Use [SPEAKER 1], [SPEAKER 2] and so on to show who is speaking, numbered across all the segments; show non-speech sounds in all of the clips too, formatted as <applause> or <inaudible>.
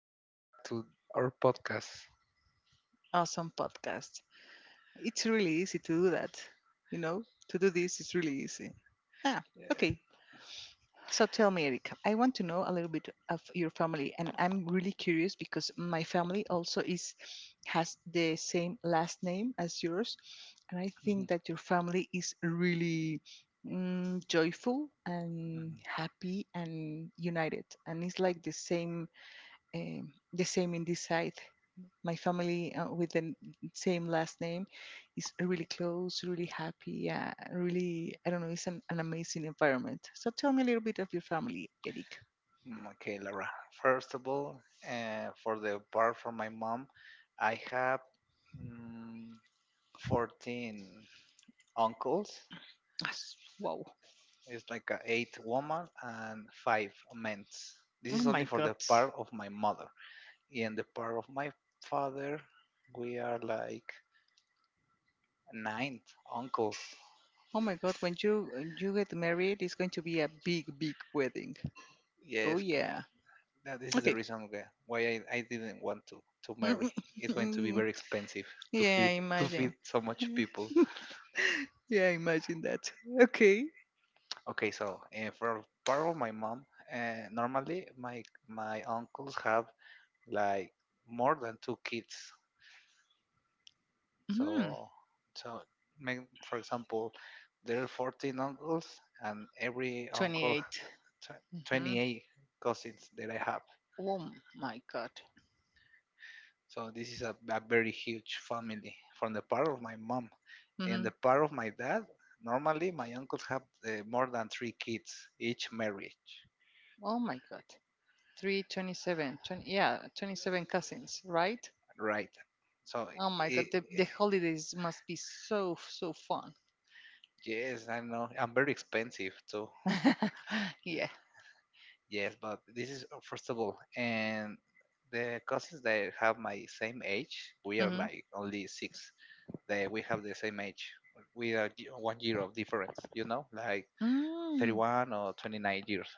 [SPEAKER 1] Welcome back to our podcast.
[SPEAKER 2] Awesome podcast. It's really easy to do that. You know, to do this is really easy. Ah,
[SPEAKER 1] Yeah.
[SPEAKER 2] okay. So tell me, Eric, I want to know a little bit of your family, and I'm really curious because my family also is has the same last name as yours, and I
[SPEAKER 1] Mhm,
[SPEAKER 2] think that your family is really joyful
[SPEAKER 1] mhm.
[SPEAKER 2] and happy and united, and it's like the same in this side. My family with the same last name is really close, really happy, really, I don't know, it's an amazing environment. So tell me a little bit of your family, Eric.
[SPEAKER 1] Okay, Laura. First of all, for the part from my mom, I have mm, 14 uncles.
[SPEAKER 2] Wow.
[SPEAKER 1] It's like a eight woman and five men. This
[SPEAKER 2] Oh
[SPEAKER 1] is only
[SPEAKER 2] my
[SPEAKER 1] for
[SPEAKER 2] God.
[SPEAKER 1] the part of my mother. And the part of my father, we are like nine uncles.
[SPEAKER 2] Oh my God. When you get married, it's going to be a big, big wedding. Oh
[SPEAKER 1] Yes,
[SPEAKER 2] yeah.
[SPEAKER 1] now, this is the
[SPEAKER 2] Okay.
[SPEAKER 1] reason why I didn't want to
[SPEAKER 2] <laughs> Yeah,
[SPEAKER 1] marry. It's going to be very expensive to feed
[SPEAKER 2] I
[SPEAKER 1] <laughs> to
[SPEAKER 2] imagine.
[SPEAKER 1] feed so much people.
[SPEAKER 2] <laughs> Yeah, I imagine that. Okay.
[SPEAKER 1] Okay, so for part of my mom, normally my uncles have like more than two kids.
[SPEAKER 2] Mm,
[SPEAKER 1] So so make, for example, there are 14 uncles, and every uncle
[SPEAKER 2] 28.
[SPEAKER 1] <laughs>
[SPEAKER 2] Mm-hmm.
[SPEAKER 1] 28 cousins that I have.
[SPEAKER 2] Oh my God.
[SPEAKER 1] So this is a very huge family from the part of my mom. In the
[SPEAKER 2] Mm-hmm.
[SPEAKER 1] part of my dad, normally my uncles have more than three kids each marriage,
[SPEAKER 2] Oh my God. Three, 27, 20, yeah, 27 cousins, right?
[SPEAKER 1] right? So,
[SPEAKER 2] Oh my
[SPEAKER 1] I
[SPEAKER 2] god, the holidays must be so, so fun.
[SPEAKER 1] yes, I know I'm very expensive too.
[SPEAKER 2] <laughs> yeah.
[SPEAKER 1] Yes, but this is first of all, and the cousins that have my same age, we are
[SPEAKER 2] Mm-hmm.
[SPEAKER 1] like only six. They we have the same age. We are one year of difference, like
[SPEAKER 2] Mm.
[SPEAKER 1] 31 or 29 years.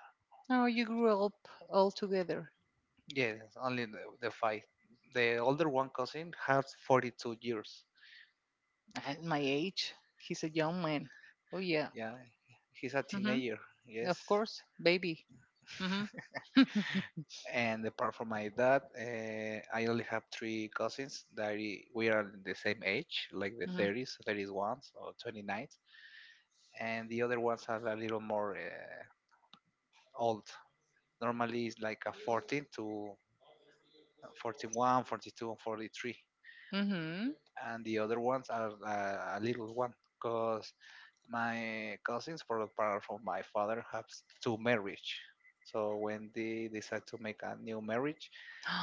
[SPEAKER 2] Oh, you grew up all together.
[SPEAKER 1] Yes, only the five. The older one cousin has 42 years.
[SPEAKER 2] At my age, he's a young man. Oh, yeah.
[SPEAKER 1] Yeah, he's a
[SPEAKER 2] Mm-hmm.
[SPEAKER 1] teenager. Yes.
[SPEAKER 2] Of course, baby. Mm-hmm.
[SPEAKER 1] And apart from my dad, I only have three cousins that we are the same age, like the
[SPEAKER 2] Mm-hmm.
[SPEAKER 1] 30s, 31s, or 29. And the other ones are a little more old. Normally it's like a 14 to 41, 42, and 43.
[SPEAKER 2] Mm-hmm.
[SPEAKER 1] And the other ones are a little one, because my cousins for the part of my father have two marriage, so when they decide to make a new marriage,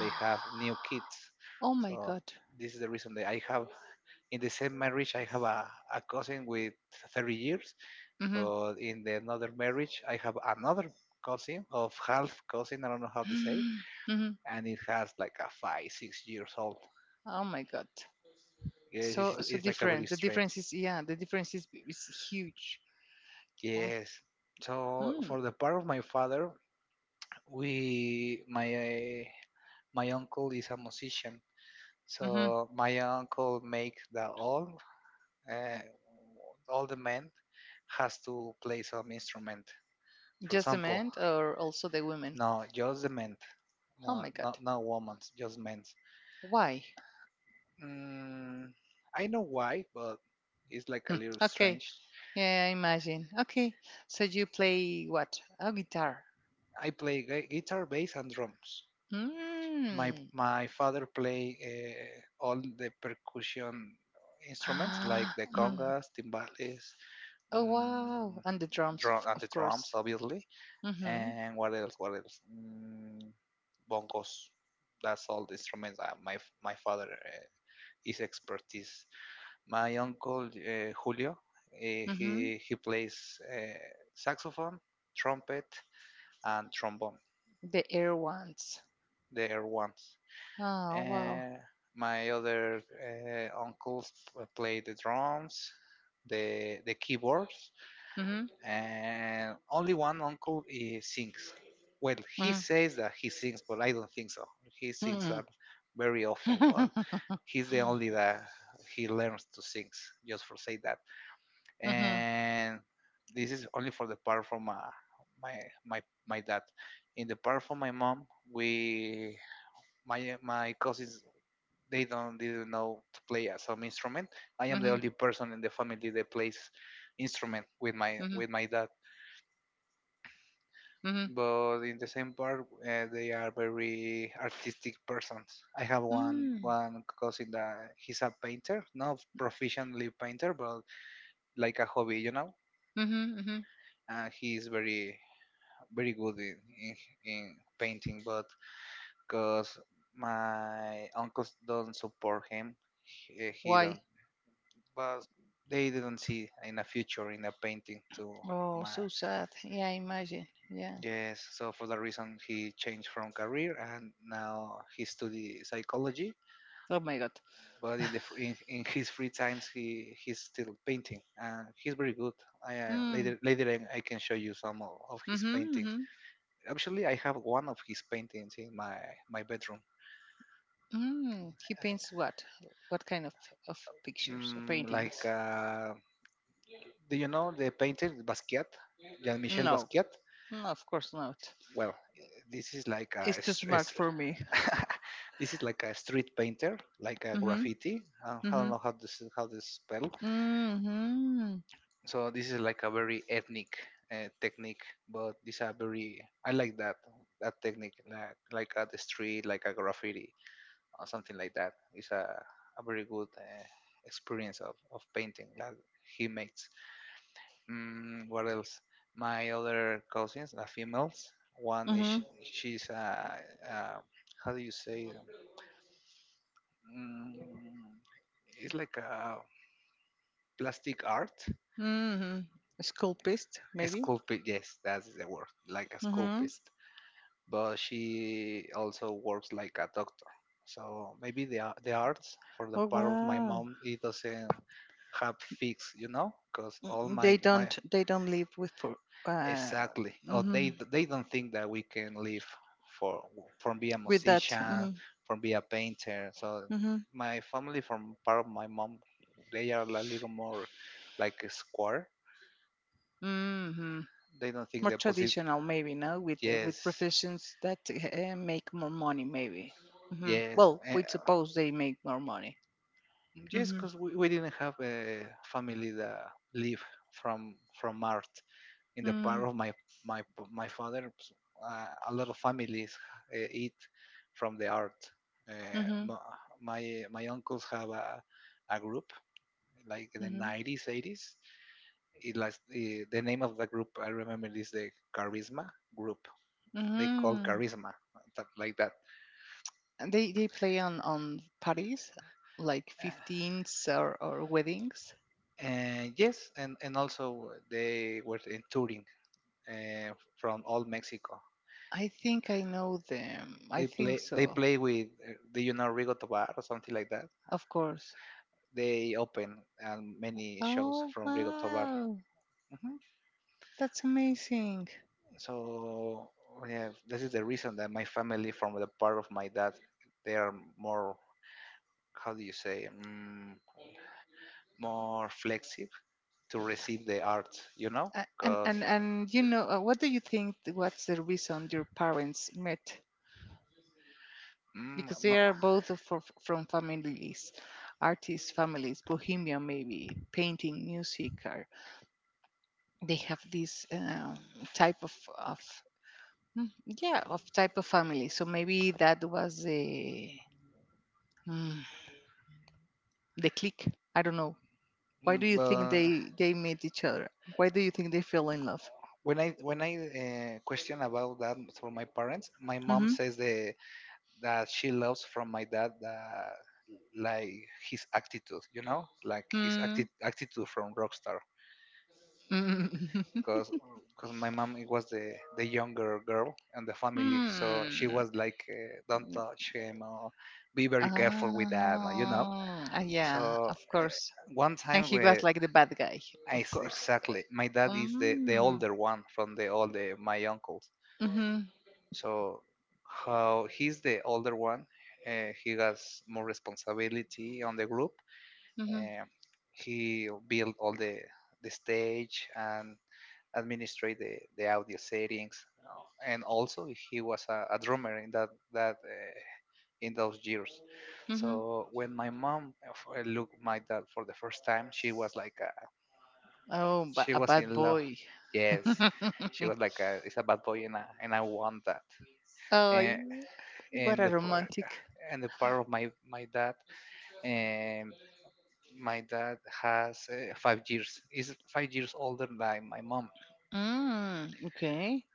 [SPEAKER 1] they have new kids.
[SPEAKER 2] oh my
[SPEAKER 1] So
[SPEAKER 2] god.
[SPEAKER 1] this is the reason that I have, in the same marriage I have a cousin with 30 years,
[SPEAKER 2] Mm-hmm.
[SPEAKER 1] but in the another marriage I have another cousin of half cousin, I don't know how to say.
[SPEAKER 2] <gasps> mm-hmm.
[SPEAKER 1] And it has like a 5 6 years old.
[SPEAKER 2] Oh my god.
[SPEAKER 1] Yes, it's,
[SPEAKER 2] So, so
[SPEAKER 1] it's like a very
[SPEAKER 2] difference. The
[SPEAKER 1] strange.
[SPEAKER 2] difference is, yeah, the difference is huge. Oh.
[SPEAKER 1] Yes, so
[SPEAKER 2] Mm, hmm.
[SPEAKER 1] for the part of my father, we my eh, my uncle is a musician. So
[SPEAKER 2] Mm-hmm.
[SPEAKER 1] my uncle make the uh, all the men has to play some instrument, for
[SPEAKER 2] Just the
[SPEAKER 1] example.
[SPEAKER 2] men or also the women?
[SPEAKER 1] No, just the men.
[SPEAKER 2] Oh
[SPEAKER 1] No,
[SPEAKER 2] my
[SPEAKER 1] no,
[SPEAKER 2] God.
[SPEAKER 1] no women, just men.
[SPEAKER 2] Why?
[SPEAKER 1] mm, I know why, but it's like
[SPEAKER 2] Hmm,
[SPEAKER 1] a little
[SPEAKER 2] okay.
[SPEAKER 1] strange.
[SPEAKER 2] Yeah, I imagine. Okay. So you play what? A guitar.
[SPEAKER 1] I play guitar, bass, and drums. My
[SPEAKER 2] Mm.
[SPEAKER 1] father play all the percussion instruments, like
[SPEAKER 2] <gasps>
[SPEAKER 1] the
[SPEAKER 2] Mm.
[SPEAKER 1] congas, timbales,
[SPEAKER 2] Oh, wow.
[SPEAKER 1] mm,
[SPEAKER 2] And the drums,
[SPEAKER 1] drum
[SPEAKER 2] of,
[SPEAKER 1] and the
[SPEAKER 2] of
[SPEAKER 1] drums,
[SPEAKER 2] course.
[SPEAKER 1] obviously.
[SPEAKER 2] Mm-hmm.
[SPEAKER 1] And what else? What else? Bongos. That's all the instruments my father is expertise. My uncle, Julio,
[SPEAKER 2] Mm-hmm.
[SPEAKER 1] he plays saxophone, trumpet, and trombone.
[SPEAKER 2] The air ones.
[SPEAKER 1] They are ones.
[SPEAKER 2] Oh, wow.
[SPEAKER 1] Uh, my other uncles play the drums, the keyboards,
[SPEAKER 2] Mm-hmm.
[SPEAKER 1] and only one uncle, he sings. Well, he says that he sings, but I don't think so. He sings are very awful, but
[SPEAKER 2] Mm-hmm. <laughs>
[SPEAKER 1] he's the only that he learns to sing. Just for say that.
[SPEAKER 2] Mm-hmm.
[SPEAKER 1] And this is only for the part from my my my dad. In the part from my mom, we my my cousins, they don't didn't know to play some instrument. I am the
[SPEAKER 2] Mm-hmm.
[SPEAKER 1] only person in the family that plays instrument with my
[SPEAKER 2] Mm-hmm.
[SPEAKER 1] with my dad.
[SPEAKER 2] Mm-hmm.
[SPEAKER 1] But in the same part, they are very artistic persons. I have one
[SPEAKER 2] Mm.
[SPEAKER 1] one cousin that he's a painter, not proficiently painter, but like a hobby.
[SPEAKER 2] Mm-hmm. Mm-hmm.
[SPEAKER 1] And he's very very good in painting, but because my uncles don't support him, he
[SPEAKER 2] Why?
[SPEAKER 1] don't, but they didn't see in a future in a painting. To
[SPEAKER 2] Oh,
[SPEAKER 1] my
[SPEAKER 2] so sad. Yeah, I imagine. Yeah.
[SPEAKER 1] Yes, so for that reason he changed from career, and now he study psychology.
[SPEAKER 2] Oh my God.
[SPEAKER 1] But in the fr- in his free times he's still painting, and he's very good. i uh,
[SPEAKER 2] Mm.
[SPEAKER 1] later later i I can show you some of his
[SPEAKER 2] Mm-hmm,
[SPEAKER 1] paintings.
[SPEAKER 2] mm-hmm.
[SPEAKER 1] Actually, I have one of his paintings in my bedroom.
[SPEAKER 2] Mm. He paints what? What kind of pictures or
[SPEAKER 1] Like
[SPEAKER 2] paintings?
[SPEAKER 1] do you know the painter Basquiat, jean-michel
[SPEAKER 2] No.
[SPEAKER 1] basquiat
[SPEAKER 2] No, of course not.
[SPEAKER 1] Well, this is like
[SPEAKER 2] It's
[SPEAKER 1] a,
[SPEAKER 2] too
[SPEAKER 1] str- a
[SPEAKER 2] smart for me.
[SPEAKER 1] <laughs> this is like a street painter, like a
[SPEAKER 2] Mm-hmm.
[SPEAKER 1] graffiti. I don't
[SPEAKER 2] Mm-hmm.
[SPEAKER 1] know how to spell.
[SPEAKER 2] Mm-hmm.
[SPEAKER 1] So this is like a very ethnic technique, but these are very. I like that technique, like at the street, like a graffiti or something like that. It's a very good experience of painting that he makes. What else? My other cousins, the females. One is
[SPEAKER 2] Mm-hmm.
[SPEAKER 1] She's a, how do you say? Mm, it's like a plastic art,
[SPEAKER 2] Mm-hmm. Sculpist,
[SPEAKER 1] a
[SPEAKER 2] maybe?
[SPEAKER 1] sculpted. Yes, that's the word, like a
[SPEAKER 2] Mm-hmm.
[SPEAKER 1] sculpist. But she also works like a doctor, so maybe the arts for the
[SPEAKER 2] Oh
[SPEAKER 1] part of my
[SPEAKER 2] wow.
[SPEAKER 1] mom, it doesn't have fixed, because all
[SPEAKER 2] Mm, They
[SPEAKER 1] my.
[SPEAKER 2] don't they don't live with for uh
[SPEAKER 1] Exactly. Oh,
[SPEAKER 2] mm-hmm.
[SPEAKER 1] they don't think that we can live for from be a
[SPEAKER 2] With that.
[SPEAKER 1] musician,
[SPEAKER 2] Mm-hmm.
[SPEAKER 1] from be a painter. So
[SPEAKER 2] Mm-hmm.
[SPEAKER 1] my family, from part of my mom, they are a little more like a square.
[SPEAKER 2] Mm-hmm.
[SPEAKER 1] They don't think
[SPEAKER 2] More
[SPEAKER 1] they're possible.
[SPEAKER 2] traditional maybe, no, with with
[SPEAKER 1] Yes,
[SPEAKER 2] professions that make more money maybe. Hmm,
[SPEAKER 1] yes,
[SPEAKER 2] well, we suppose they make more money.
[SPEAKER 1] yes.
[SPEAKER 2] Hmm.
[SPEAKER 1] Because we didn't have a family that live from from art. In the
[SPEAKER 2] Mm-hmm.
[SPEAKER 1] part of my my my father, pues, a lot of families eat from the art. Uh,
[SPEAKER 2] Mm-hmm.
[SPEAKER 1] my- my uncles have a group, like in the 90s, 80s. It like the name of the group, I remember, is the Charisma group. They call
[SPEAKER 2] Mm-hmm.
[SPEAKER 1] Charisma like that.
[SPEAKER 2] And they play on parties like
[SPEAKER 1] Uh,
[SPEAKER 2] 15s or weddings.
[SPEAKER 1] and yes, and also they were in touring from all Mexico.
[SPEAKER 2] I think I know them, I
[SPEAKER 1] They
[SPEAKER 2] think
[SPEAKER 1] play
[SPEAKER 2] so.
[SPEAKER 1] with, do you know Rigo Tobar or something like that?
[SPEAKER 2] Of course.
[SPEAKER 1] They open many shows
[SPEAKER 2] Oh
[SPEAKER 1] from Rigo Tobar.
[SPEAKER 2] wow,
[SPEAKER 1] Mhm.
[SPEAKER 2] that's amazing.
[SPEAKER 1] So yeah, this is the reason that my family, from the part of my dad, they are more, how do you say, more flexible to receive the art,
[SPEAKER 2] A- and
[SPEAKER 1] because.
[SPEAKER 2] and and what do you think, what's the reason your parents met, because they
[SPEAKER 1] No,
[SPEAKER 2] are both from families, artist families, bohemian maybe, painting, music, or they have this type of yeah, of type of family. So maybe that was the mm, the click. I don't know. Why do you think
[SPEAKER 1] but
[SPEAKER 2] they meet each other? Why do you think they fell in love?
[SPEAKER 1] when I question about that for my parents, my mom
[SPEAKER 2] Mm-hmm.
[SPEAKER 1] says the that she loves from my dad that, like, his attitude, like his
[SPEAKER 2] Mm.
[SPEAKER 1] attitude from rockstar.
[SPEAKER 2] Mm. <laughs>
[SPEAKER 1] Because because my mom, it was the younger girl and the family, so she
[SPEAKER 2] Mm.
[SPEAKER 1] was like don't touch him or be very careful with that.
[SPEAKER 2] Yeah,
[SPEAKER 1] So
[SPEAKER 2] of
[SPEAKER 1] uh,
[SPEAKER 2] course.
[SPEAKER 1] one
[SPEAKER 2] And
[SPEAKER 1] time
[SPEAKER 2] he was
[SPEAKER 1] where
[SPEAKER 2] like the bad guy,
[SPEAKER 1] I
[SPEAKER 2] of
[SPEAKER 1] s-
[SPEAKER 2] course.
[SPEAKER 1] exactly, my dad is the
[SPEAKER 2] Mm.
[SPEAKER 1] older one from the all the my uncles.
[SPEAKER 2] Mhm.
[SPEAKER 1] So how he's the older one, he has more responsibility on the group.
[SPEAKER 2] Mhm.
[SPEAKER 1] Um, he build all the stage, and administrate the audio settings, and also he was a drummer in that that in those years.
[SPEAKER 2] Mhm.
[SPEAKER 1] So when my mom looked my dad for the first time, she was like,
[SPEAKER 2] Oh,
[SPEAKER 1] she
[SPEAKER 2] a
[SPEAKER 1] was
[SPEAKER 2] bad
[SPEAKER 1] in love.
[SPEAKER 2] boy.
[SPEAKER 1] Yes, she
[SPEAKER 2] <laughs>
[SPEAKER 1] was like, it's a bad boy, and I want that.
[SPEAKER 2] oh,
[SPEAKER 1] Eh,
[SPEAKER 2] what
[SPEAKER 1] and
[SPEAKER 2] a
[SPEAKER 1] the par-
[SPEAKER 2] romantic.
[SPEAKER 1] and the part of my my dad um, my dad, has 5 years, is 5 years older than my mom.
[SPEAKER 2] Mm. Okay.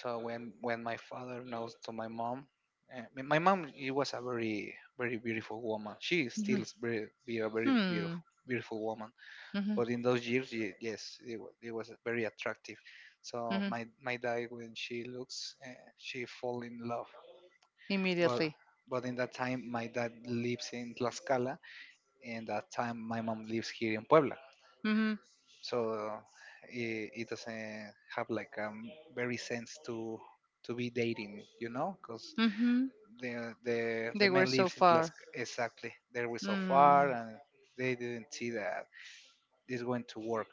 [SPEAKER 1] So when my father knows to my mom, my mom, she was a very very beautiful woman. She is still
[SPEAKER 2] Mhm.
[SPEAKER 1] is very be a very
[SPEAKER 2] Hmm.
[SPEAKER 1] beautiful woman,
[SPEAKER 2] Mhm.
[SPEAKER 1] but in those years, yes, it, it was very attractive. So
[SPEAKER 2] Mhm.
[SPEAKER 1] my dad, when she looks, she fall in love. but
[SPEAKER 2] Immediately.
[SPEAKER 1] but in that time, my dad lives in Tlaxcala, and that time my mom lives here in Puebla,
[SPEAKER 2] Mhm.
[SPEAKER 1] so it doesn't have like very sense to be dating, because
[SPEAKER 2] Mhm.
[SPEAKER 1] the
[SPEAKER 2] They were
[SPEAKER 1] man
[SPEAKER 2] so
[SPEAKER 1] lives in
[SPEAKER 2] far.
[SPEAKER 1] Tlaxcala, exactly. They were so far,
[SPEAKER 2] Mm.
[SPEAKER 1] and they didn't see that this going to work.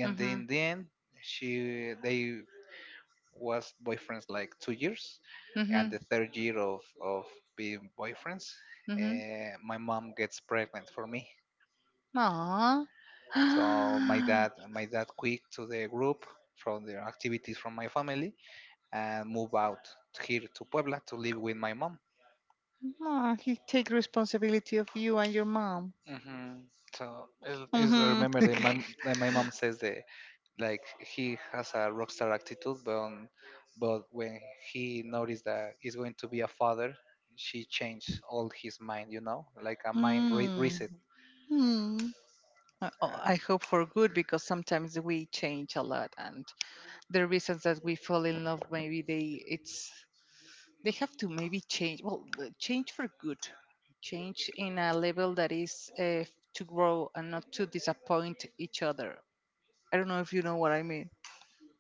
[SPEAKER 1] And
[SPEAKER 2] Mhm.
[SPEAKER 1] then she they was boyfriends like 2 years, and
[SPEAKER 2] Mhm.
[SPEAKER 1] the third year of being boyfriends,
[SPEAKER 2] Mhm.
[SPEAKER 1] my mom gets pregnant for me.
[SPEAKER 2] Aw.
[SPEAKER 1] So my dad
[SPEAKER 2] <gasps>
[SPEAKER 1] my dad quit to the group from the activities from my family, and move out here to Puebla to live with my mom.
[SPEAKER 2] Aw, he take responsibility of you and your mom.
[SPEAKER 1] hmm So, is I
[SPEAKER 2] Mhm.
[SPEAKER 1] remember that my
[SPEAKER 2] <laughs>
[SPEAKER 1] that my mom says that, like, he has a rock star attitude, but when he noticed that he's going to be a father, she changed all his mind. Like a mind
[SPEAKER 2] Mm.
[SPEAKER 1] reset.
[SPEAKER 2] Hmm. Oh,
[SPEAKER 1] Uh,
[SPEAKER 2] I hope for good because sometimes we change a lot, and the reasons that we fall in love maybe they have to maybe change. Well, change for good, change in a level that is to grow and not to disappoint each other. I don't know if you know what I mean.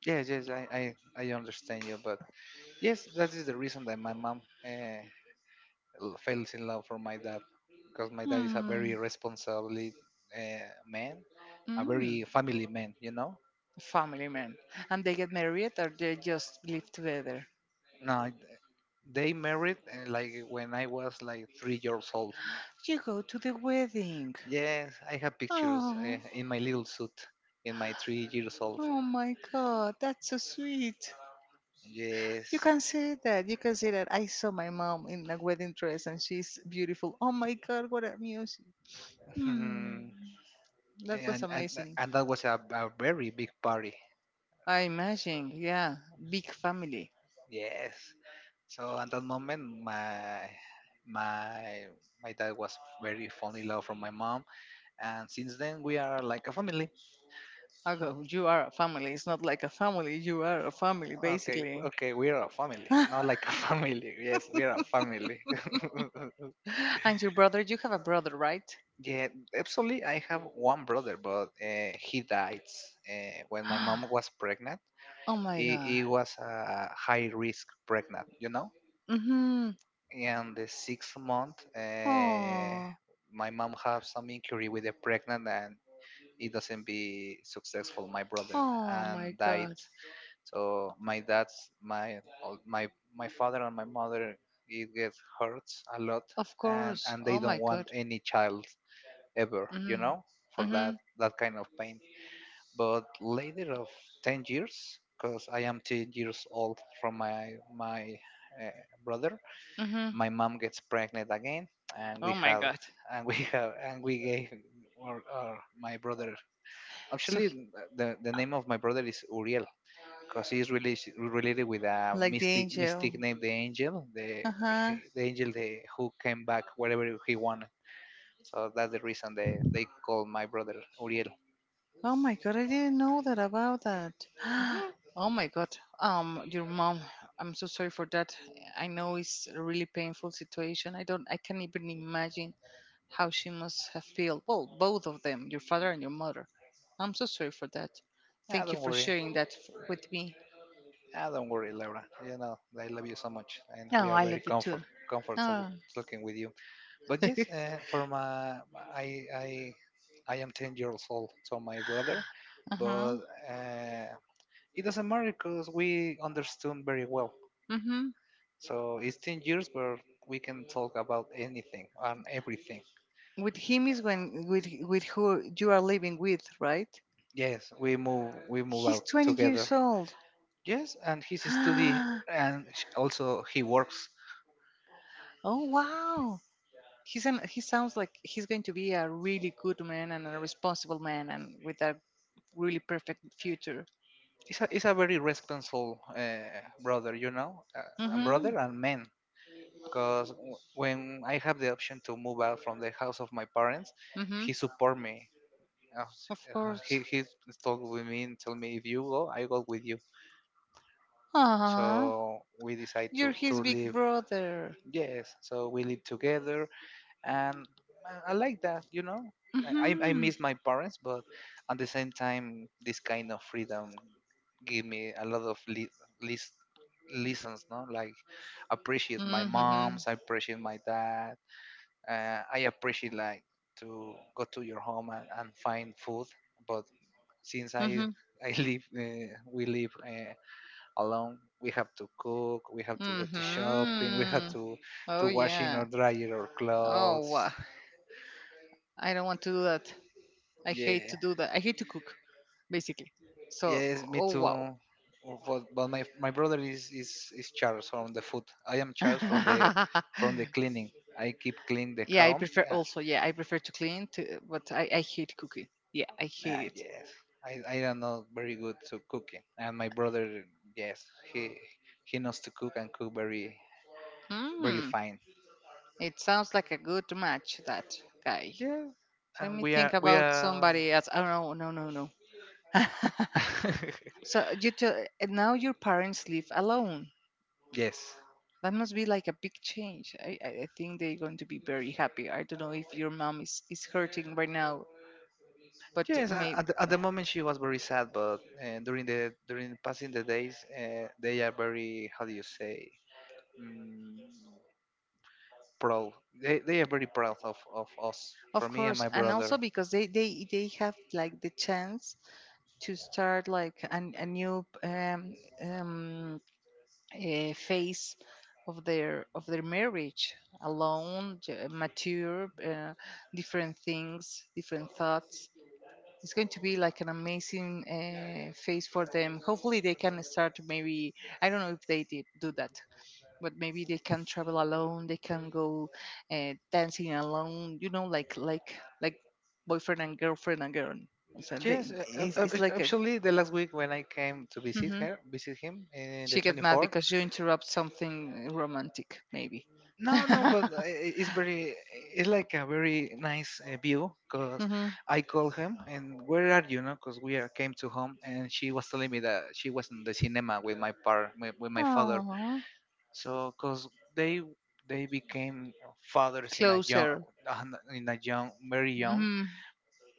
[SPEAKER 1] yes, yes, I understand you, but yes, that is the reason that my mom fell in love for my dad, because my dad is a very
[SPEAKER 2] Hmm.
[SPEAKER 1] responsible man, a
[SPEAKER 2] Mm,
[SPEAKER 1] very family man.
[SPEAKER 2] family man, and they get married or they just live together.
[SPEAKER 1] No, they married like when I was like 3 years old.
[SPEAKER 2] You go to the wedding.
[SPEAKER 1] Yes, I have pictures
[SPEAKER 2] Oh,
[SPEAKER 1] in my little suit, in my 3 years old.
[SPEAKER 2] oh my God, that's so sweet. You
[SPEAKER 1] Yes.
[SPEAKER 2] can say that. You can say that. I saw my mom in a wedding dress and she's beautiful. Oh my God, what a music.
[SPEAKER 1] <laughs>
[SPEAKER 2] Hmm.
[SPEAKER 1] Mhm.
[SPEAKER 2] That was
[SPEAKER 1] and, and
[SPEAKER 2] amazing.
[SPEAKER 1] and that was a very big party.
[SPEAKER 2] I imagine. Yeah. Big family.
[SPEAKER 1] Yes. So at that moment, my my dad was very fond in love from my mom, and since then we are like a family.
[SPEAKER 2] Although you are a family. It's not like a family. You are a family,
[SPEAKER 1] Okay,
[SPEAKER 2] basically.
[SPEAKER 1] okay, we are a family, not like a <laughs> family. Yes, we are a family. <laughs>
[SPEAKER 2] <laughs> And your brother, you have a brother, right?
[SPEAKER 1] Yeah, actually, I have one brother, but he died when my mom
[SPEAKER 2] <gasps>
[SPEAKER 1] was pregnant.
[SPEAKER 2] Oh my
[SPEAKER 1] It,
[SPEAKER 2] God.
[SPEAKER 1] it was a high risk pregnant, you know.
[SPEAKER 2] Mm-hmm.
[SPEAKER 1] And the sixth month,
[SPEAKER 2] Oh.
[SPEAKER 1] my mom had some injury with the pregnant, and it doesn't be successful. My brother
[SPEAKER 2] Oh my
[SPEAKER 1] and died.
[SPEAKER 2] God.
[SPEAKER 1] So my my father and my mother, it gets hurts a lot,
[SPEAKER 2] Of
[SPEAKER 1] and
[SPEAKER 2] course.
[SPEAKER 1] and they
[SPEAKER 2] Oh my
[SPEAKER 1] don't want
[SPEAKER 2] God.
[SPEAKER 1] any child ever, you
[SPEAKER 2] Mhm.
[SPEAKER 1] know, for that
[SPEAKER 2] Mhm.
[SPEAKER 1] that kind of pain. But later of 10 years, because I am 10 years old from my brother,
[SPEAKER 2] Mhm.
[SPEAKER 1] my mom gets pregnant again, and we
[SPEAKER 2] Oh my
[SPEAKER 1] have
[SPEAKER 2] god.
[SPEAKER 1] and we <laughs> have and we gave or my brother
[SPEAKER 2] So
[SPEAKER 1] actually, the name of my brother is Uriel, because he's really related with a
[SPEAKER 2] like the
[SPEAKER 1] mystic
[SPEAKER 2] angel.
[SPEAKER 1] mystic named the Angel, the
[SPEAKER 2] Uh huh.
[SPEAKER 1] the Angel, the, who came back wherever he wanted. So that's the reason they call my brother Uriel.
[SPEAKER 2] Oh my god, I didn't know that about that. <gasps> Oh my god. Your mom, I'm so sorry for that. I know it's a really painful situation. I can't even imagine how she must have felt. Well, both of them, your father and your mother. I'm so sorry for that.
[SPEAKER 1] Ah,
[SPEAKER 2] Thank you
[SPEAKER 1] don't
[SPEAKER 2] for
[SPEAKER 1] worry.
[SPEAKER 2] sharing that with me.
[SPEAKER 1] Ah, don't worry, Laura. You know I love you so much, and
[SPEAKER 2] Oh,
[SPEAKER 1] we are
[SPEAKER 2] I
[SPEAKER 1] very
[SPEAKER 2] love you too.
[SPEAKER 1] comfortable
[SPEAKER 2] Oh.
[SPEAKER 1] talking with you. But yes,
[SPEAKER 2] <laughs>
[SPEAKER 1] for my I I I am 10 years old, so my brother, but.
[SPEAKER 2] uh-huh.
[SPEAKER 1] Uh, it doesn't matter because we understood very well.
[SPEAKER 2] Mhm.
[SPEAKER 1] So it's 10 years where we can talk about anything and everything.
[SPEAKER 2] With him is when with who you are living with, right?
[SPEAKER 1] Yes, we move
[SPEAKER 2] He's
[SPEAKER 1] out
[SPEAKER 2] 20
[SPEAKER 1] together.
[SPEAKER 2] years old.
[SPEAKER 1] Yes, and he's
[SPEAKER 2] <gasps>
[SPEAKER 1] a study,
[SPEAKER 2] Oh
[SPEAKER 1] and also he works.
[SPEAKER 2] wow. He sounds like he's going to be a really good man and a responsible man and with a really perfect future.
[SPEAKER 1] He's a very responsible brother, you know, a
[SPEAKER 2] Mm-hmm.
[SPEAKER 1] brother and man. Because when I have the option to move out from the house of my parents,
[SPEAKER 2] Mm-hmm.
[SPEAKER 1] he support me. Uh, s-
[SPEAKER 2] Of
[SPEAKER 1] uh, He
[SPEAKER 2] course.
[SPEAKER 1] he talk with me and tell me, if you go, I go with you.
[SPEAKER 2] Ah,
[SPEAKER 1] So we decide
[SPEAKER 2] you're
[SPEAKER 1] to
[SPEAKER 2] his big
[SPEAKER 1] live.
[SPEAKER 2] brother.
[SPEAKER 1] Yes, so we live together, and I like that, you know. I
[SPEAKER 2] Mm-hmm.
[SPEAKER 1] miss my parents, but at the same time, this kind of freedom give me a lot of lis- lessons, no? Like, appreciate my
[SPEAKER 2] Mm-hmm.
[SPEAKER 1] moms, I appreciate my dad, I appreciate like to go to your home and find food. But since
[SPEAKER 2] Mm-hmm.
[SPEAKER 1] I <laughs> live, we live alone. We have to cook. We have to go to shopping. We have
[SPEAKER 2] Mm-hmm.
[SPEAKER 1] to
[SPEAKER 2] Oh
[SPEAKER 1] washing or
[SPEAKER 2] yeah.
[SPEAKER 1] drying our
[SPEAKER 2] Oh,
[SPEAKER 1] clothes.
[SPEAKER 2] wow. I don't want to do that. I hate
[SPEAKER 1] Yeah.
[SPEAKER 2] to do that. I hate to cook, basically. So,
[SPEAKER 1] Yes, me
[SPEAKER 2] oh
[SPEAKER 1] too. But my brother is, is Charles from the food. I am Charles from the
[SPEAKER 2] wow. <laughs>
[SPEAKER 1] cleaning. I keep clean the
[SPEAKER 2] Yeah, I
[SPEAKER 1] home.
[SPEAKER 2] prefer
[SPEAKER 1] Yeah.
[SPEAKER 2] also. Yeah, I prefer to clean, but I hate cooking. Yeah, I hate
[SPEAKER 1] Ah,
[SPEAKER 2] it.
[SPEAKER 1] yes. I am not very good to cooking, and my brother, yes, he he knows to cook and cook very
[SPEAKER 2] Hmm,
[SPEAKER 1] fine.
[SPEAKER 2] it sounds like a good match, that guy.
[SPEAKER 1] Yeah,
[SPEAKER 2] Let
[SPEAKER 1] and
[SPEAKER 2] me
[SPEAKER 1] we are
[SPEAKER 2] think
[SPEAKER 1] we
[SPEAKER 2] about
[SPEAKER 1] are
[SPEAKER 2] somebody else. Oh, no, no, no, no. <laughs>
[SPEAKER 1] <laughs>
[SPEAKER 2] So you tell, and now your parents live alone.
[SPEAKER 1] yes.
[SPEAKER 2] That must be like a big change. I think they're going to be very happy. I don't know if your mom is hurting right now, but
[SPEAKER 1] Yes,
[SPEAKER 2] may,
[SPEAKER 1] at at the moment she was very sad, but during the during passing the days, they are very, how do you say, mm, proud. They are very proud of us.
[SPEAKER 2] of
[SPEAKER 1] For me and
[SPEAKER 2] course,
[SPEAKER 1] my
[SPEAKER 2] and also
[SPEAKER 1] brother.
[SPEAKER 2] because they have like the chance to start like a new um, phase of their marriage alone, mature, different things, different thoughts. It's going to be like an amazing phase for them, hopefully they can start maybe, I don't know if they did do that, but maybe they can travel alone, they can go dancing alone, you know, like like boyfriend and girlfriend and girl, so
[SPEAKER 1] Yes,
[SPEAKER 2] they, it's, it's like a.
[SPEAKER 1] actually, the last week when I came to visit
[SPEAKER 2] Mhm.
[SPEAKER 1] her, visit him in the
[SPEAKER 2] She get mad
[SPEAKER 1] 24th.
[SPEAKER 2] because you interrupt something romantic, maybe. <laughs>
[SPEAKER 1] No, no, but
[SPEAKER 2] mm-hmm.
[SPEAKER 1] it's very, it's like a very nice view. Because I called him and, where are you? No, because we are, came to home, and she was telling me that she was in the cinema with with my father.
[SPEAKER 2] Aww.
[SPEAKER 1] So, because they they became fathers
[SPEAKER 2] Closer.
[SPEAKER 1] in a young, very young.
[SPEAKER 2] Hmm.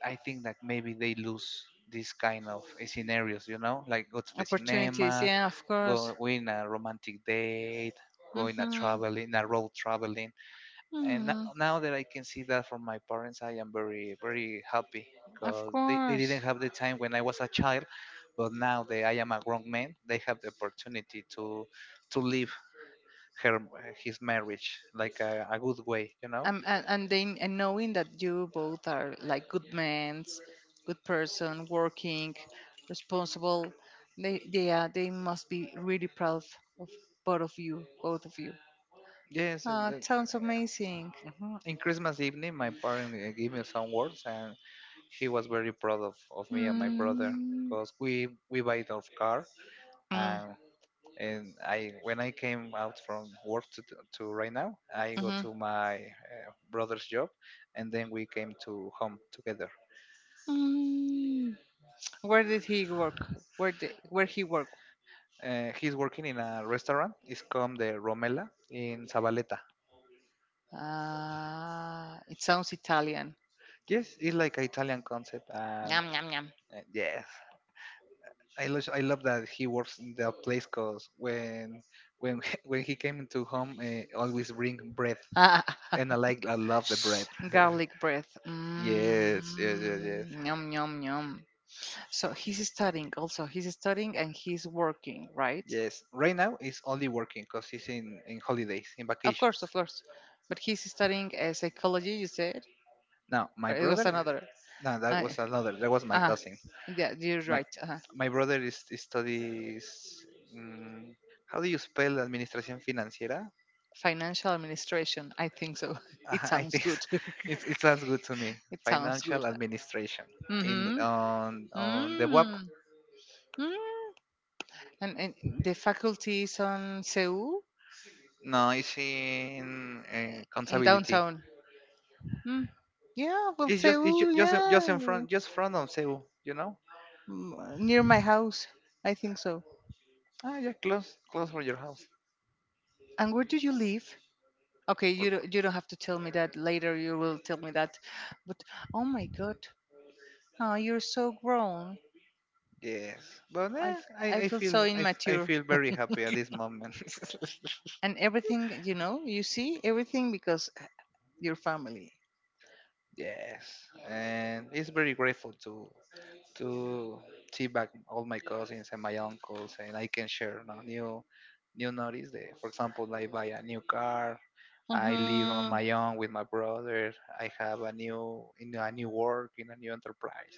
[SPEAKER 1] I think that maybe they lose this kind of scenarios, you know, like go to the
[SPEAKER 2] Opportunities.
[SPEAKER 1] cinema,
[SPEAKER 2] Yeah, of course.
[SPEAKER 1] go in a romantic date, go in a
[SPEAKER 2] Hmm.
[SPEAKER 1] traveling, a road traveling. And
[SPEAKER 2] Hmm.
[SPEAKER 1] now that I can see that from my parents, I am very happy,
[SPEAKER 2] Of
[SPEAKER 1] because they
[SPEAKER 2] course.
[SPEAKER 1] didn't have the time when I was a child, but now that I am a grown man, they have the opportunity to live her his marriage like a good way, you know.
[SPEAKER 2] And then and knowing that you both are like good men, good person, working, responsible, they must be really proud of both of you, both of you.
[SPEAKER 1] Yes,
[SPEAKER 2] Ah,
[SPEAKER 1] and
[SPEAKER 2] it sounds amazing.
[SPEAKER 1] mhm. In Christmas evening, my parents gave me some words, and he was very proud of me and my brother,
[SPEAKER 2] Mm.
[SPEAKER 1] because we buy the car. And I, when I came out from work to right now, I go
[SPEAKER 2] Mm-hmm.
[SPEAKER 1] to my brother's job, and then we came to home together.
[SPEAKER 2] Mm, where did he work? Where he worked?
[SPEAKER 1] He's working in a restaurant. It's called the Romela in Zabaleta.
[SPEAKER 2] It sounds Italian.
[SPEAKER 1] Yes, it's like an Italian concept, and
[SPEAKER 2] Yum yum yum.
[SPEAKER 1] yes, I love that he works in the place, because when <laughs> when he came into home, always bring bread,
[SPEAKER 2] Ah,
[SPEAKER 1] and I love the bread.
[SPEAKER 2] <laughs>
[SPEAKER 1] <laughs>
[SPEAKER 2] garlic bread.
[SPEAKER 1] Yes, yes, yes.
[SPEAKER 2] Mm, yum yum yum. So he's studying. Also, he's studying and he's working, right?
[SPEAKER 1] Yes, right now it's only working because he's in holidays, in
[SPEAKER 2] Of course,
[SPEAKER 1] vacations.
[SPEAKER 2] of course. But he's studying psychology. You said,
[SPEAKER 1] Now my
[SPEAKER 2] or it
[SPEAKER 1] brother,
[SPEAKER 2] was another.
[SPEAKER 1] no, that
[SPEAKER 2] Uh,
[SPEAKER 1] was another. That was my
[SPEAKER 2] uh
[SPEAKER 1] cousin.
[SPEAKER 2] yeah, you're
[SPEAKER 1] My
[SPEAKER 2] right. Uh,
[SPEAKER 1] my brother is studies. Mm, how do you spell administración financiera?
[SPEAKER 2] financial administration. I think so. <laughs> It
[SPEAKER 1] I
[SPEAKER 2] sounds
[SPEAKER 1] think
[SPEAKER 2] good.
[SPEAKER 1] <laughs>
[SPEAKER 2] <laughs>
[SPEAKER 1] it's, it sounds good to me.
[SPEAKER 2] It sounds
[SPEAKER 1] Financial
[SPEAKER 2] good.
[SPEAKER 1] administration in
[SPEAKER 2] Mm-hmm.
[SPEAKER 1] on the web.
[SPEAKER 2] Mm. Mm. And the faculty is on Seoul,
[SPEAKER 1] No, it's in
[SPEAKER 2] eh, in
[SPEAKER 1] contability.
[SPEAKER 2] downtown. Mm. Yeah, well,
[SPEAKER 1] It's just
[SPEAKER 2] Seoul,
[SPEAKER 1] just in
[SPEAKER 2] yeah.
[SPEAKER 1] front just front of Cebu. You know?
[SPEAKER 2] Near my house. I think so.
[SPEAKER 1] Ah, yeah, close for your house.
[SPEAKER 2] And where do you live? Okay, you don't have to tell me that later. You will tell me that. But oh my god, oh, you're so grown.
[SPEAKER 1] Yes, but
[SPEAKER 2] I, f- I
[SPEAKER 1] I
[SPEAKER 2] feel so
[SPEAKER 1] feel I
[SPEAKER 2] immature.
[SPEAKER 1] feel very happy at this moment. <laughs>
[SPEAKER 2] And everything, you know, you see everything because your family.
[SPEAKER 1] Yes, and it's very grateful to to see back all my cousins and my uncles, and I can share now new notice. That, for example, I buy a new car. I live on
[SPEAKER 2] Mm-hmm.
[SPEAKER 1] my own with my brother. I have a new in a new work in a new enterprise.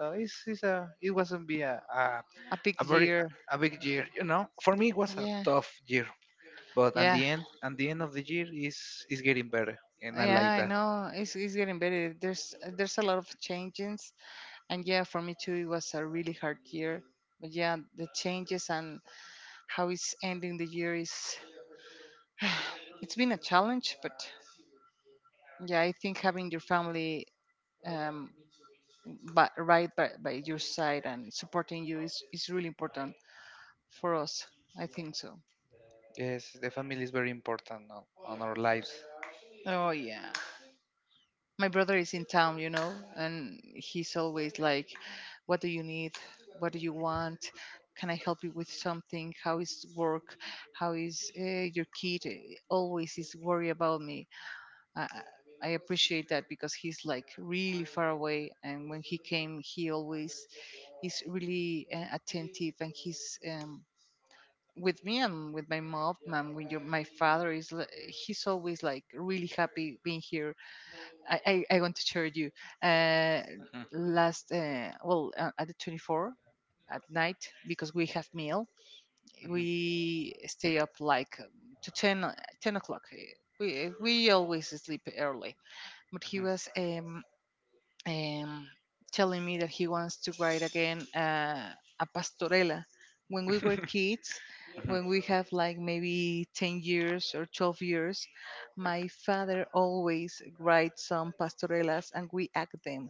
[SPEAKER 1] So it's a it wasn't be
[SPEAKER 2] A big
[SPEAKER 1] a very
[SPEAKER 2] year.
[SPEAKER 1] a big year, you know. For me, it was a
[SPEAKER 2] Yeah,
[SPEAKER 1] tough year. But
[SPEAKER 2] yeah.
[SPEAKER 1] at the end of the year, is getting better, and I
[SPEAKER 2] Yeah,
[SPEAKER 1] like
[SPEAKER 2] I
[SPEAKER 1] that.
[SPEAKER 2] know. It's getting better. There's a lot of changes, and yeah, for me too, it was a really hard year. But yeah, the changes and how it's ending the year is <sighs> it's been a challenge. But yeah, I think having your family, um but right by your side and supporting you, is really important for us. I think so.
[SPEAKER 1] Yes, the family is very important on our lives.
[SPEAKER 2] Oh yeah. My brother is in town, you know, and he's always like, "What do you need? What do you want? Can I help you with something? How is work? How is your kid?" Always is worry about me. I, I I appreciate that because he's like really far away, and when he came, he always is really attentive, and he's. With me and with my mom, and with my father he's always like really happy being here. I, I want to share you uh, last well at the 24th at night, because we have meal we stay up like to ten o'clock, we always sleep early, but he was um, telling me that he wants to write again a pastorela. When we were
[SPEAKER 1] Mhm. <laughs>
[SPEAKER 2] kids, when we have like maybe 10 years or 12 years, my father always writes some pastorelas and we act them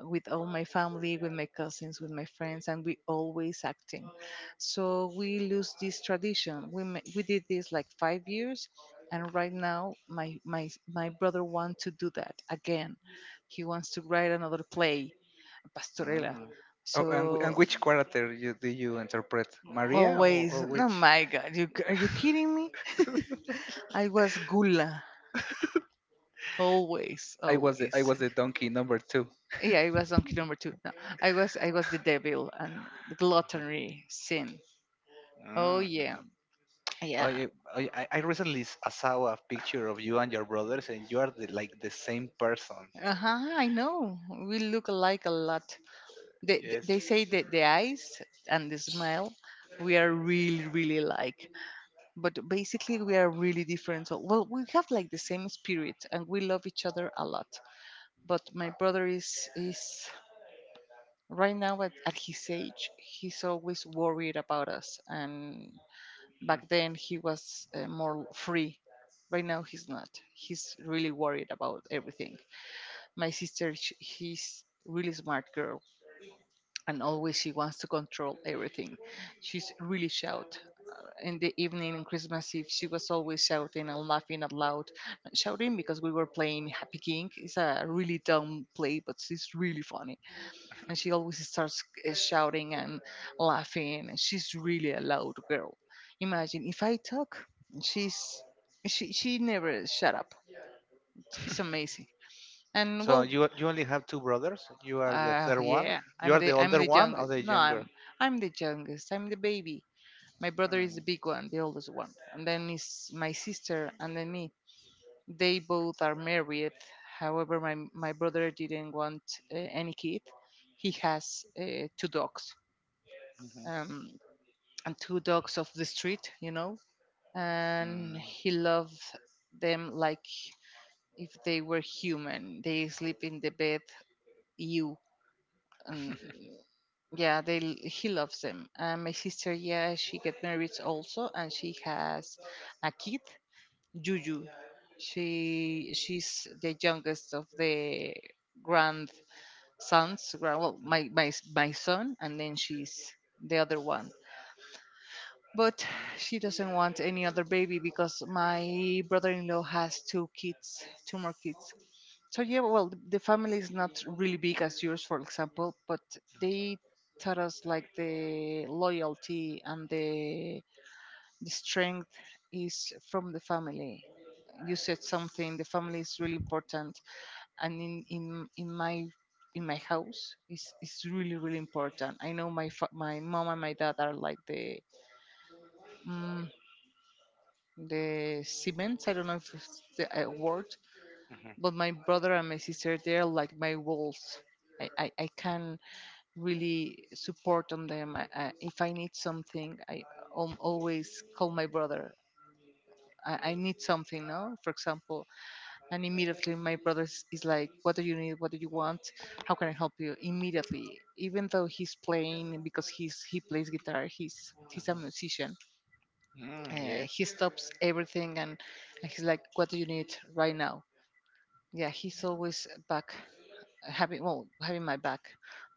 [SPEAKER 2] with all my family, with my cousins, with my friends, and we always act them. So we lose this tradition. We did this like 5 years. And right now, my brother wants to do that again, he wants to write another play, Pastorella.
[SPEAKER 1] Oh, and, and
[SPEAKER 2] So
[SPEAKER 1] which character you, do you interpret? Maria,
[SPEAKER 2] always,
[SPEAKER 1] or
[SPEAKER 2] oh
[SPEAKER 1] which?
[SPEAKER 2] my God, you are
[SPEAKER 1] <laughs>
[SPEAKER 2] you kidding me? I was Gula, always,
[SPEAKER 1] I
[SPEAKER 2] always.
[SPEAKER 1] was the donkey number two.
[SPEAKER 2] Yeah, I was donkey number two. No, I was the devil and the gluttony sin. Oh yeah, yeah.
[SPEAKER 1] I, I recently saw a picture of you and your brothers, and you are the, like the same person.
[SPEAKER 2] Uh huh. I know we look alike a lot. They they
[SPEAKER 1] Yes.
[SPEAKER 2] they say that the eyes and the smile we are really really alike. But basically we are really different. So, well, we have like the same spirit and we love each other a lot. But my brother is right now at his age, he's always worried about us. And back then he was more free. Right now he's not. He's really worried about everything. My sister, he's really smart girl, and always she wants to control everything. She's really shout. In the evening in Christmas Eve, she was always shouting and laughing out loud, not shouting because we were playing Happy King. It's a really dumb play, but it's really funny. And she always starts shouting and laughing. And She's really a loud girl. Imagine if I talk, she's she never shut up. It's amazing. And
[SPEAKER 1] So
[SPEAKER 2] well,
[SPEAKER 1] you only have two brothers. You are the
[SPEAKER 2] Uh,
[SPEAKER 1] third one.
[SPEAKER 2] yeah,
[SPEAKER 1] You are the
[SPEAKER 2] I'm
[SPEAKER 1] older
[SPEAKER 2] the
[SPEAKER 1] one or
[SPEAKER 2] youngest.
[SPEAKER 1] the
[SPEAKER 2] No,
[SPEAKER 1] younger?
[SPEAKER 2] I'm the youngest. I'm the baby. My brother is the
[SPEAKER 1] Mm.
[SPEAKER 2] big one, the oldest one, and then is my sister, and then me. They both are married. However, my brother didn't want any kid. He has two dogs,
[SPEAKER 1] Mhm.
[SPEAKER 2] um, and two dogs of the street, you know, and
[SPEAKER 1] Mm.
[SPEAKER 2] he loves them like if they were human. They sleep in the bed, you, and. Yeah, he loves them. And my sister, yeah, she get married also, and she has a kid, Juju. She's the youngest of the grandsons. Well, my son, and then she's the other one. But she doesn't want any other baby because my brother-in-law has two kids, two more kids. So yeah, well, the family is not really big as yours, for example, but they taught us like the loyalty and the strength is from the family. You said something. The family is really important, and in my in my house is really really important. I know my mom and my dad are like mm, the cement. I don't know if it's the word, but my brother and my sister they're like my walls. I can really support on them. I, if I need something, I always call my brother. I need something, no? For example, and immediately my brother is like, "What do you need? What do you want? How can I help you?" Immediately, even though he's playing because he plays guitar,
[SPEAKER 1] Mm.
[SPEAKER 2] he's a
[SPEAKER 1] Mhm.
[SPEAKER 2] musician.
[SPEAKER 1] Mm, yes.
[SPEAKER 2] He stops everything and he's like, "What do you need right now?" Yeah, he's always back having having my back.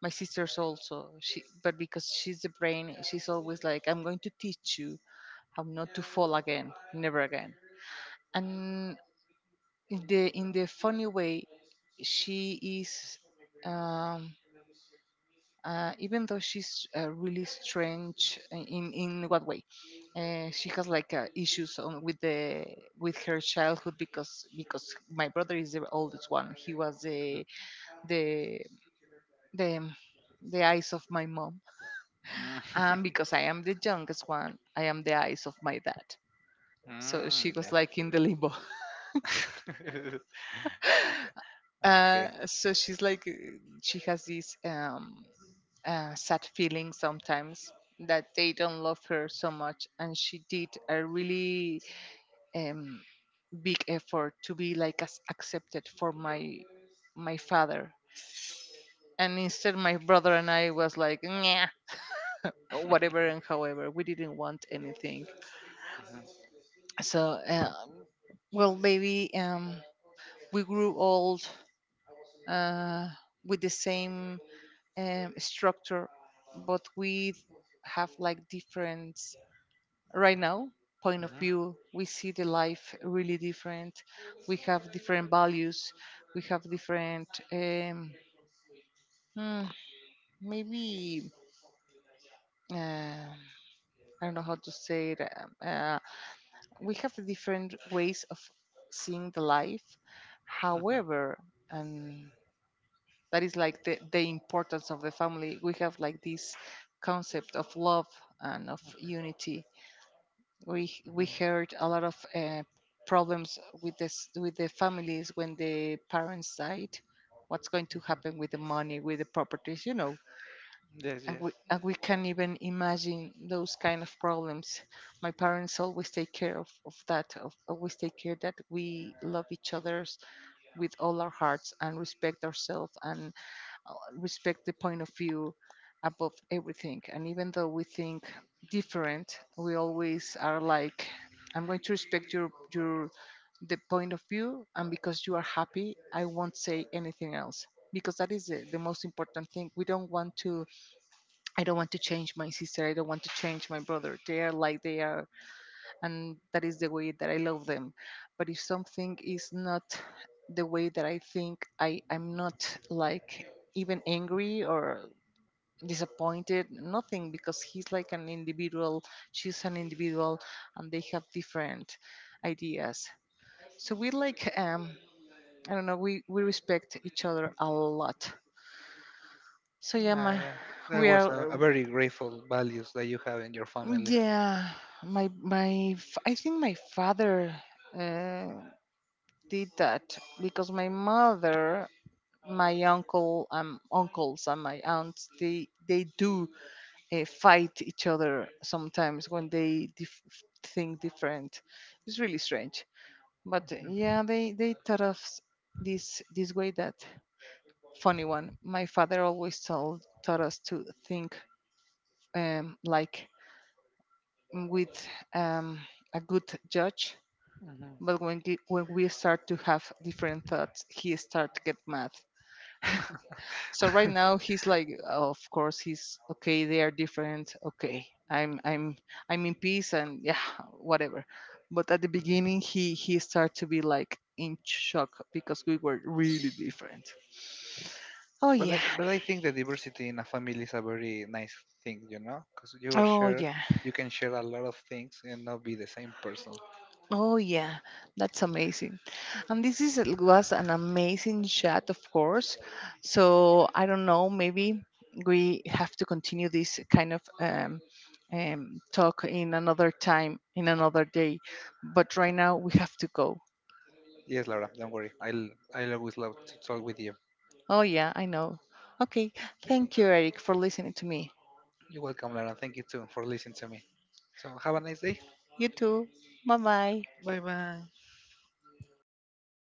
[SPEAKER 2] My sister's also she, but because she's the brain she's always like, I'm going to teach you how not to fall again, never again. And in the funny way she is, um even though she's really strange in what way, she has like issues on, with the, with her childhood. Because my brother is the oldest one, he was
[SPEAKER 1] Mhm.
[SPEAKER 2] the the the eyes of my mom.
[SPEAKER 1] Mm,
[SPEAKER 2] And because I am the youngest one, I am the eyes of my dad.
[SPEAKER 1] <laughs>
[SPEAKER 2] So she
[SPEAKER 1] mm,
[SPEAKER 2] was like in the limbo. <laughs>
[SPEAKER 1] yeah. <laughs> Okay. Okay.
[SPEAKER 2] So she's like, she has these sad feeling sometimes that they don't love her so much. And she did a really um, big effort to be like as accepted for my father. And instead, my brother and I was like, nah, whatever and however. We didn't want anything. So, well, maybe. We grew old uh, with the same structure, but we have like different right now point of view. We see the life really different. We have different values. We have different hmm, maybe uh, I don't know how to say it. We have different ways of seeing the life.
[SPEAKER 1] Mhm. Mhm. Mhm.
[SPEAKER 2] However, and that is like the importance of the family. We have like this concept of love and of unity. We
[SPEAKER 1] Mhm.
[SPEAKER 2] heard a lot of problems with this, with the families when the parents died. What's going to
[SPEAKER 1] Mhm.
[SPEAKER 2] happen with the money, with the properties, you know.
[SPEAKER 1] Yes,
[SPEAKER 2] and
[SPEAKER 1] yes.
[SPEAKER 2] we and we can not even imagine those kind of problems. My parents always take care of, always take care that we love each others with all our hearts and respect ourselves and respect the point of view above everything. And even though we think different, we always are like, I'm going to respect your the point of view, and because you are happy, I won't say anything else. Because that is the most important thing. We don't want to. I don't want to change my sister. I don't want to change my brother. They are like they are, and that is the way that I love them. But if something is not the way that I think, I'm not like even angry or disappointed, nothing, because he's like an individual, she's an individual, and they have different ideas. So we like I don't know, we respect each other a lot. So yeah,
[SPEAKER 1] I,
[SPEAKER 2] my,
[SPEAKER 1] uh, that
[SPEAKER 2] we
[SPEAKER 1] was
[SPEAKER 2] are,
[SPEAKER 1] a very grateful values that you have in your family.
[SPEAKER 2] yeah. I think my father Uh, did that because my mother, my uncle, uncles and my aunts, they do fight each other sometimes when they think different. It's really strange, but yeah, they taught us this way that funny one. My father always told taught us to think like with um, a good judge.
[SPEAKER 1] Mhm.
[SPEAKER 2] But when, when we start to have different thoughts, he start to get mad. So right now he's like, of course, he's okay, they are different, okay, I'm in peace and yeah, whatever. But at the beginning he started to be like in shock because we were really different. Oh
[SPEAKER 1] But
[SPEAKER 2] yeah.
[SPEAKER 1] but I think the diversity in a family is a very nice thing, you know, because you are
[SPEAKER 2] Oh
[SPEAKER 1] share,
[SPEAKER 2] yeah.
[SPEAKER 1] you can share a lot of things and not be the same person.
[SPEAKER 2] Oh yeah, that's amazing. And this is was an amazing chat, of course. So I don't know, maybe we have to continue this kind of talk in another time, in another day. But right now we have to go.
[SPEAKER 1] Yes, Laura, don't worry. I'll always love to talk with you.
[SPEAKER 2] Oh yeah, I know. Okay, thank you, Eric, for listening to me.
[SPEAKER 1] You're welcome, Laura. Thank you too for listening to me. So have a nice day.
[SPEAKER 2] You too. Bye bye.
[SPEAKER 1] Bye bye.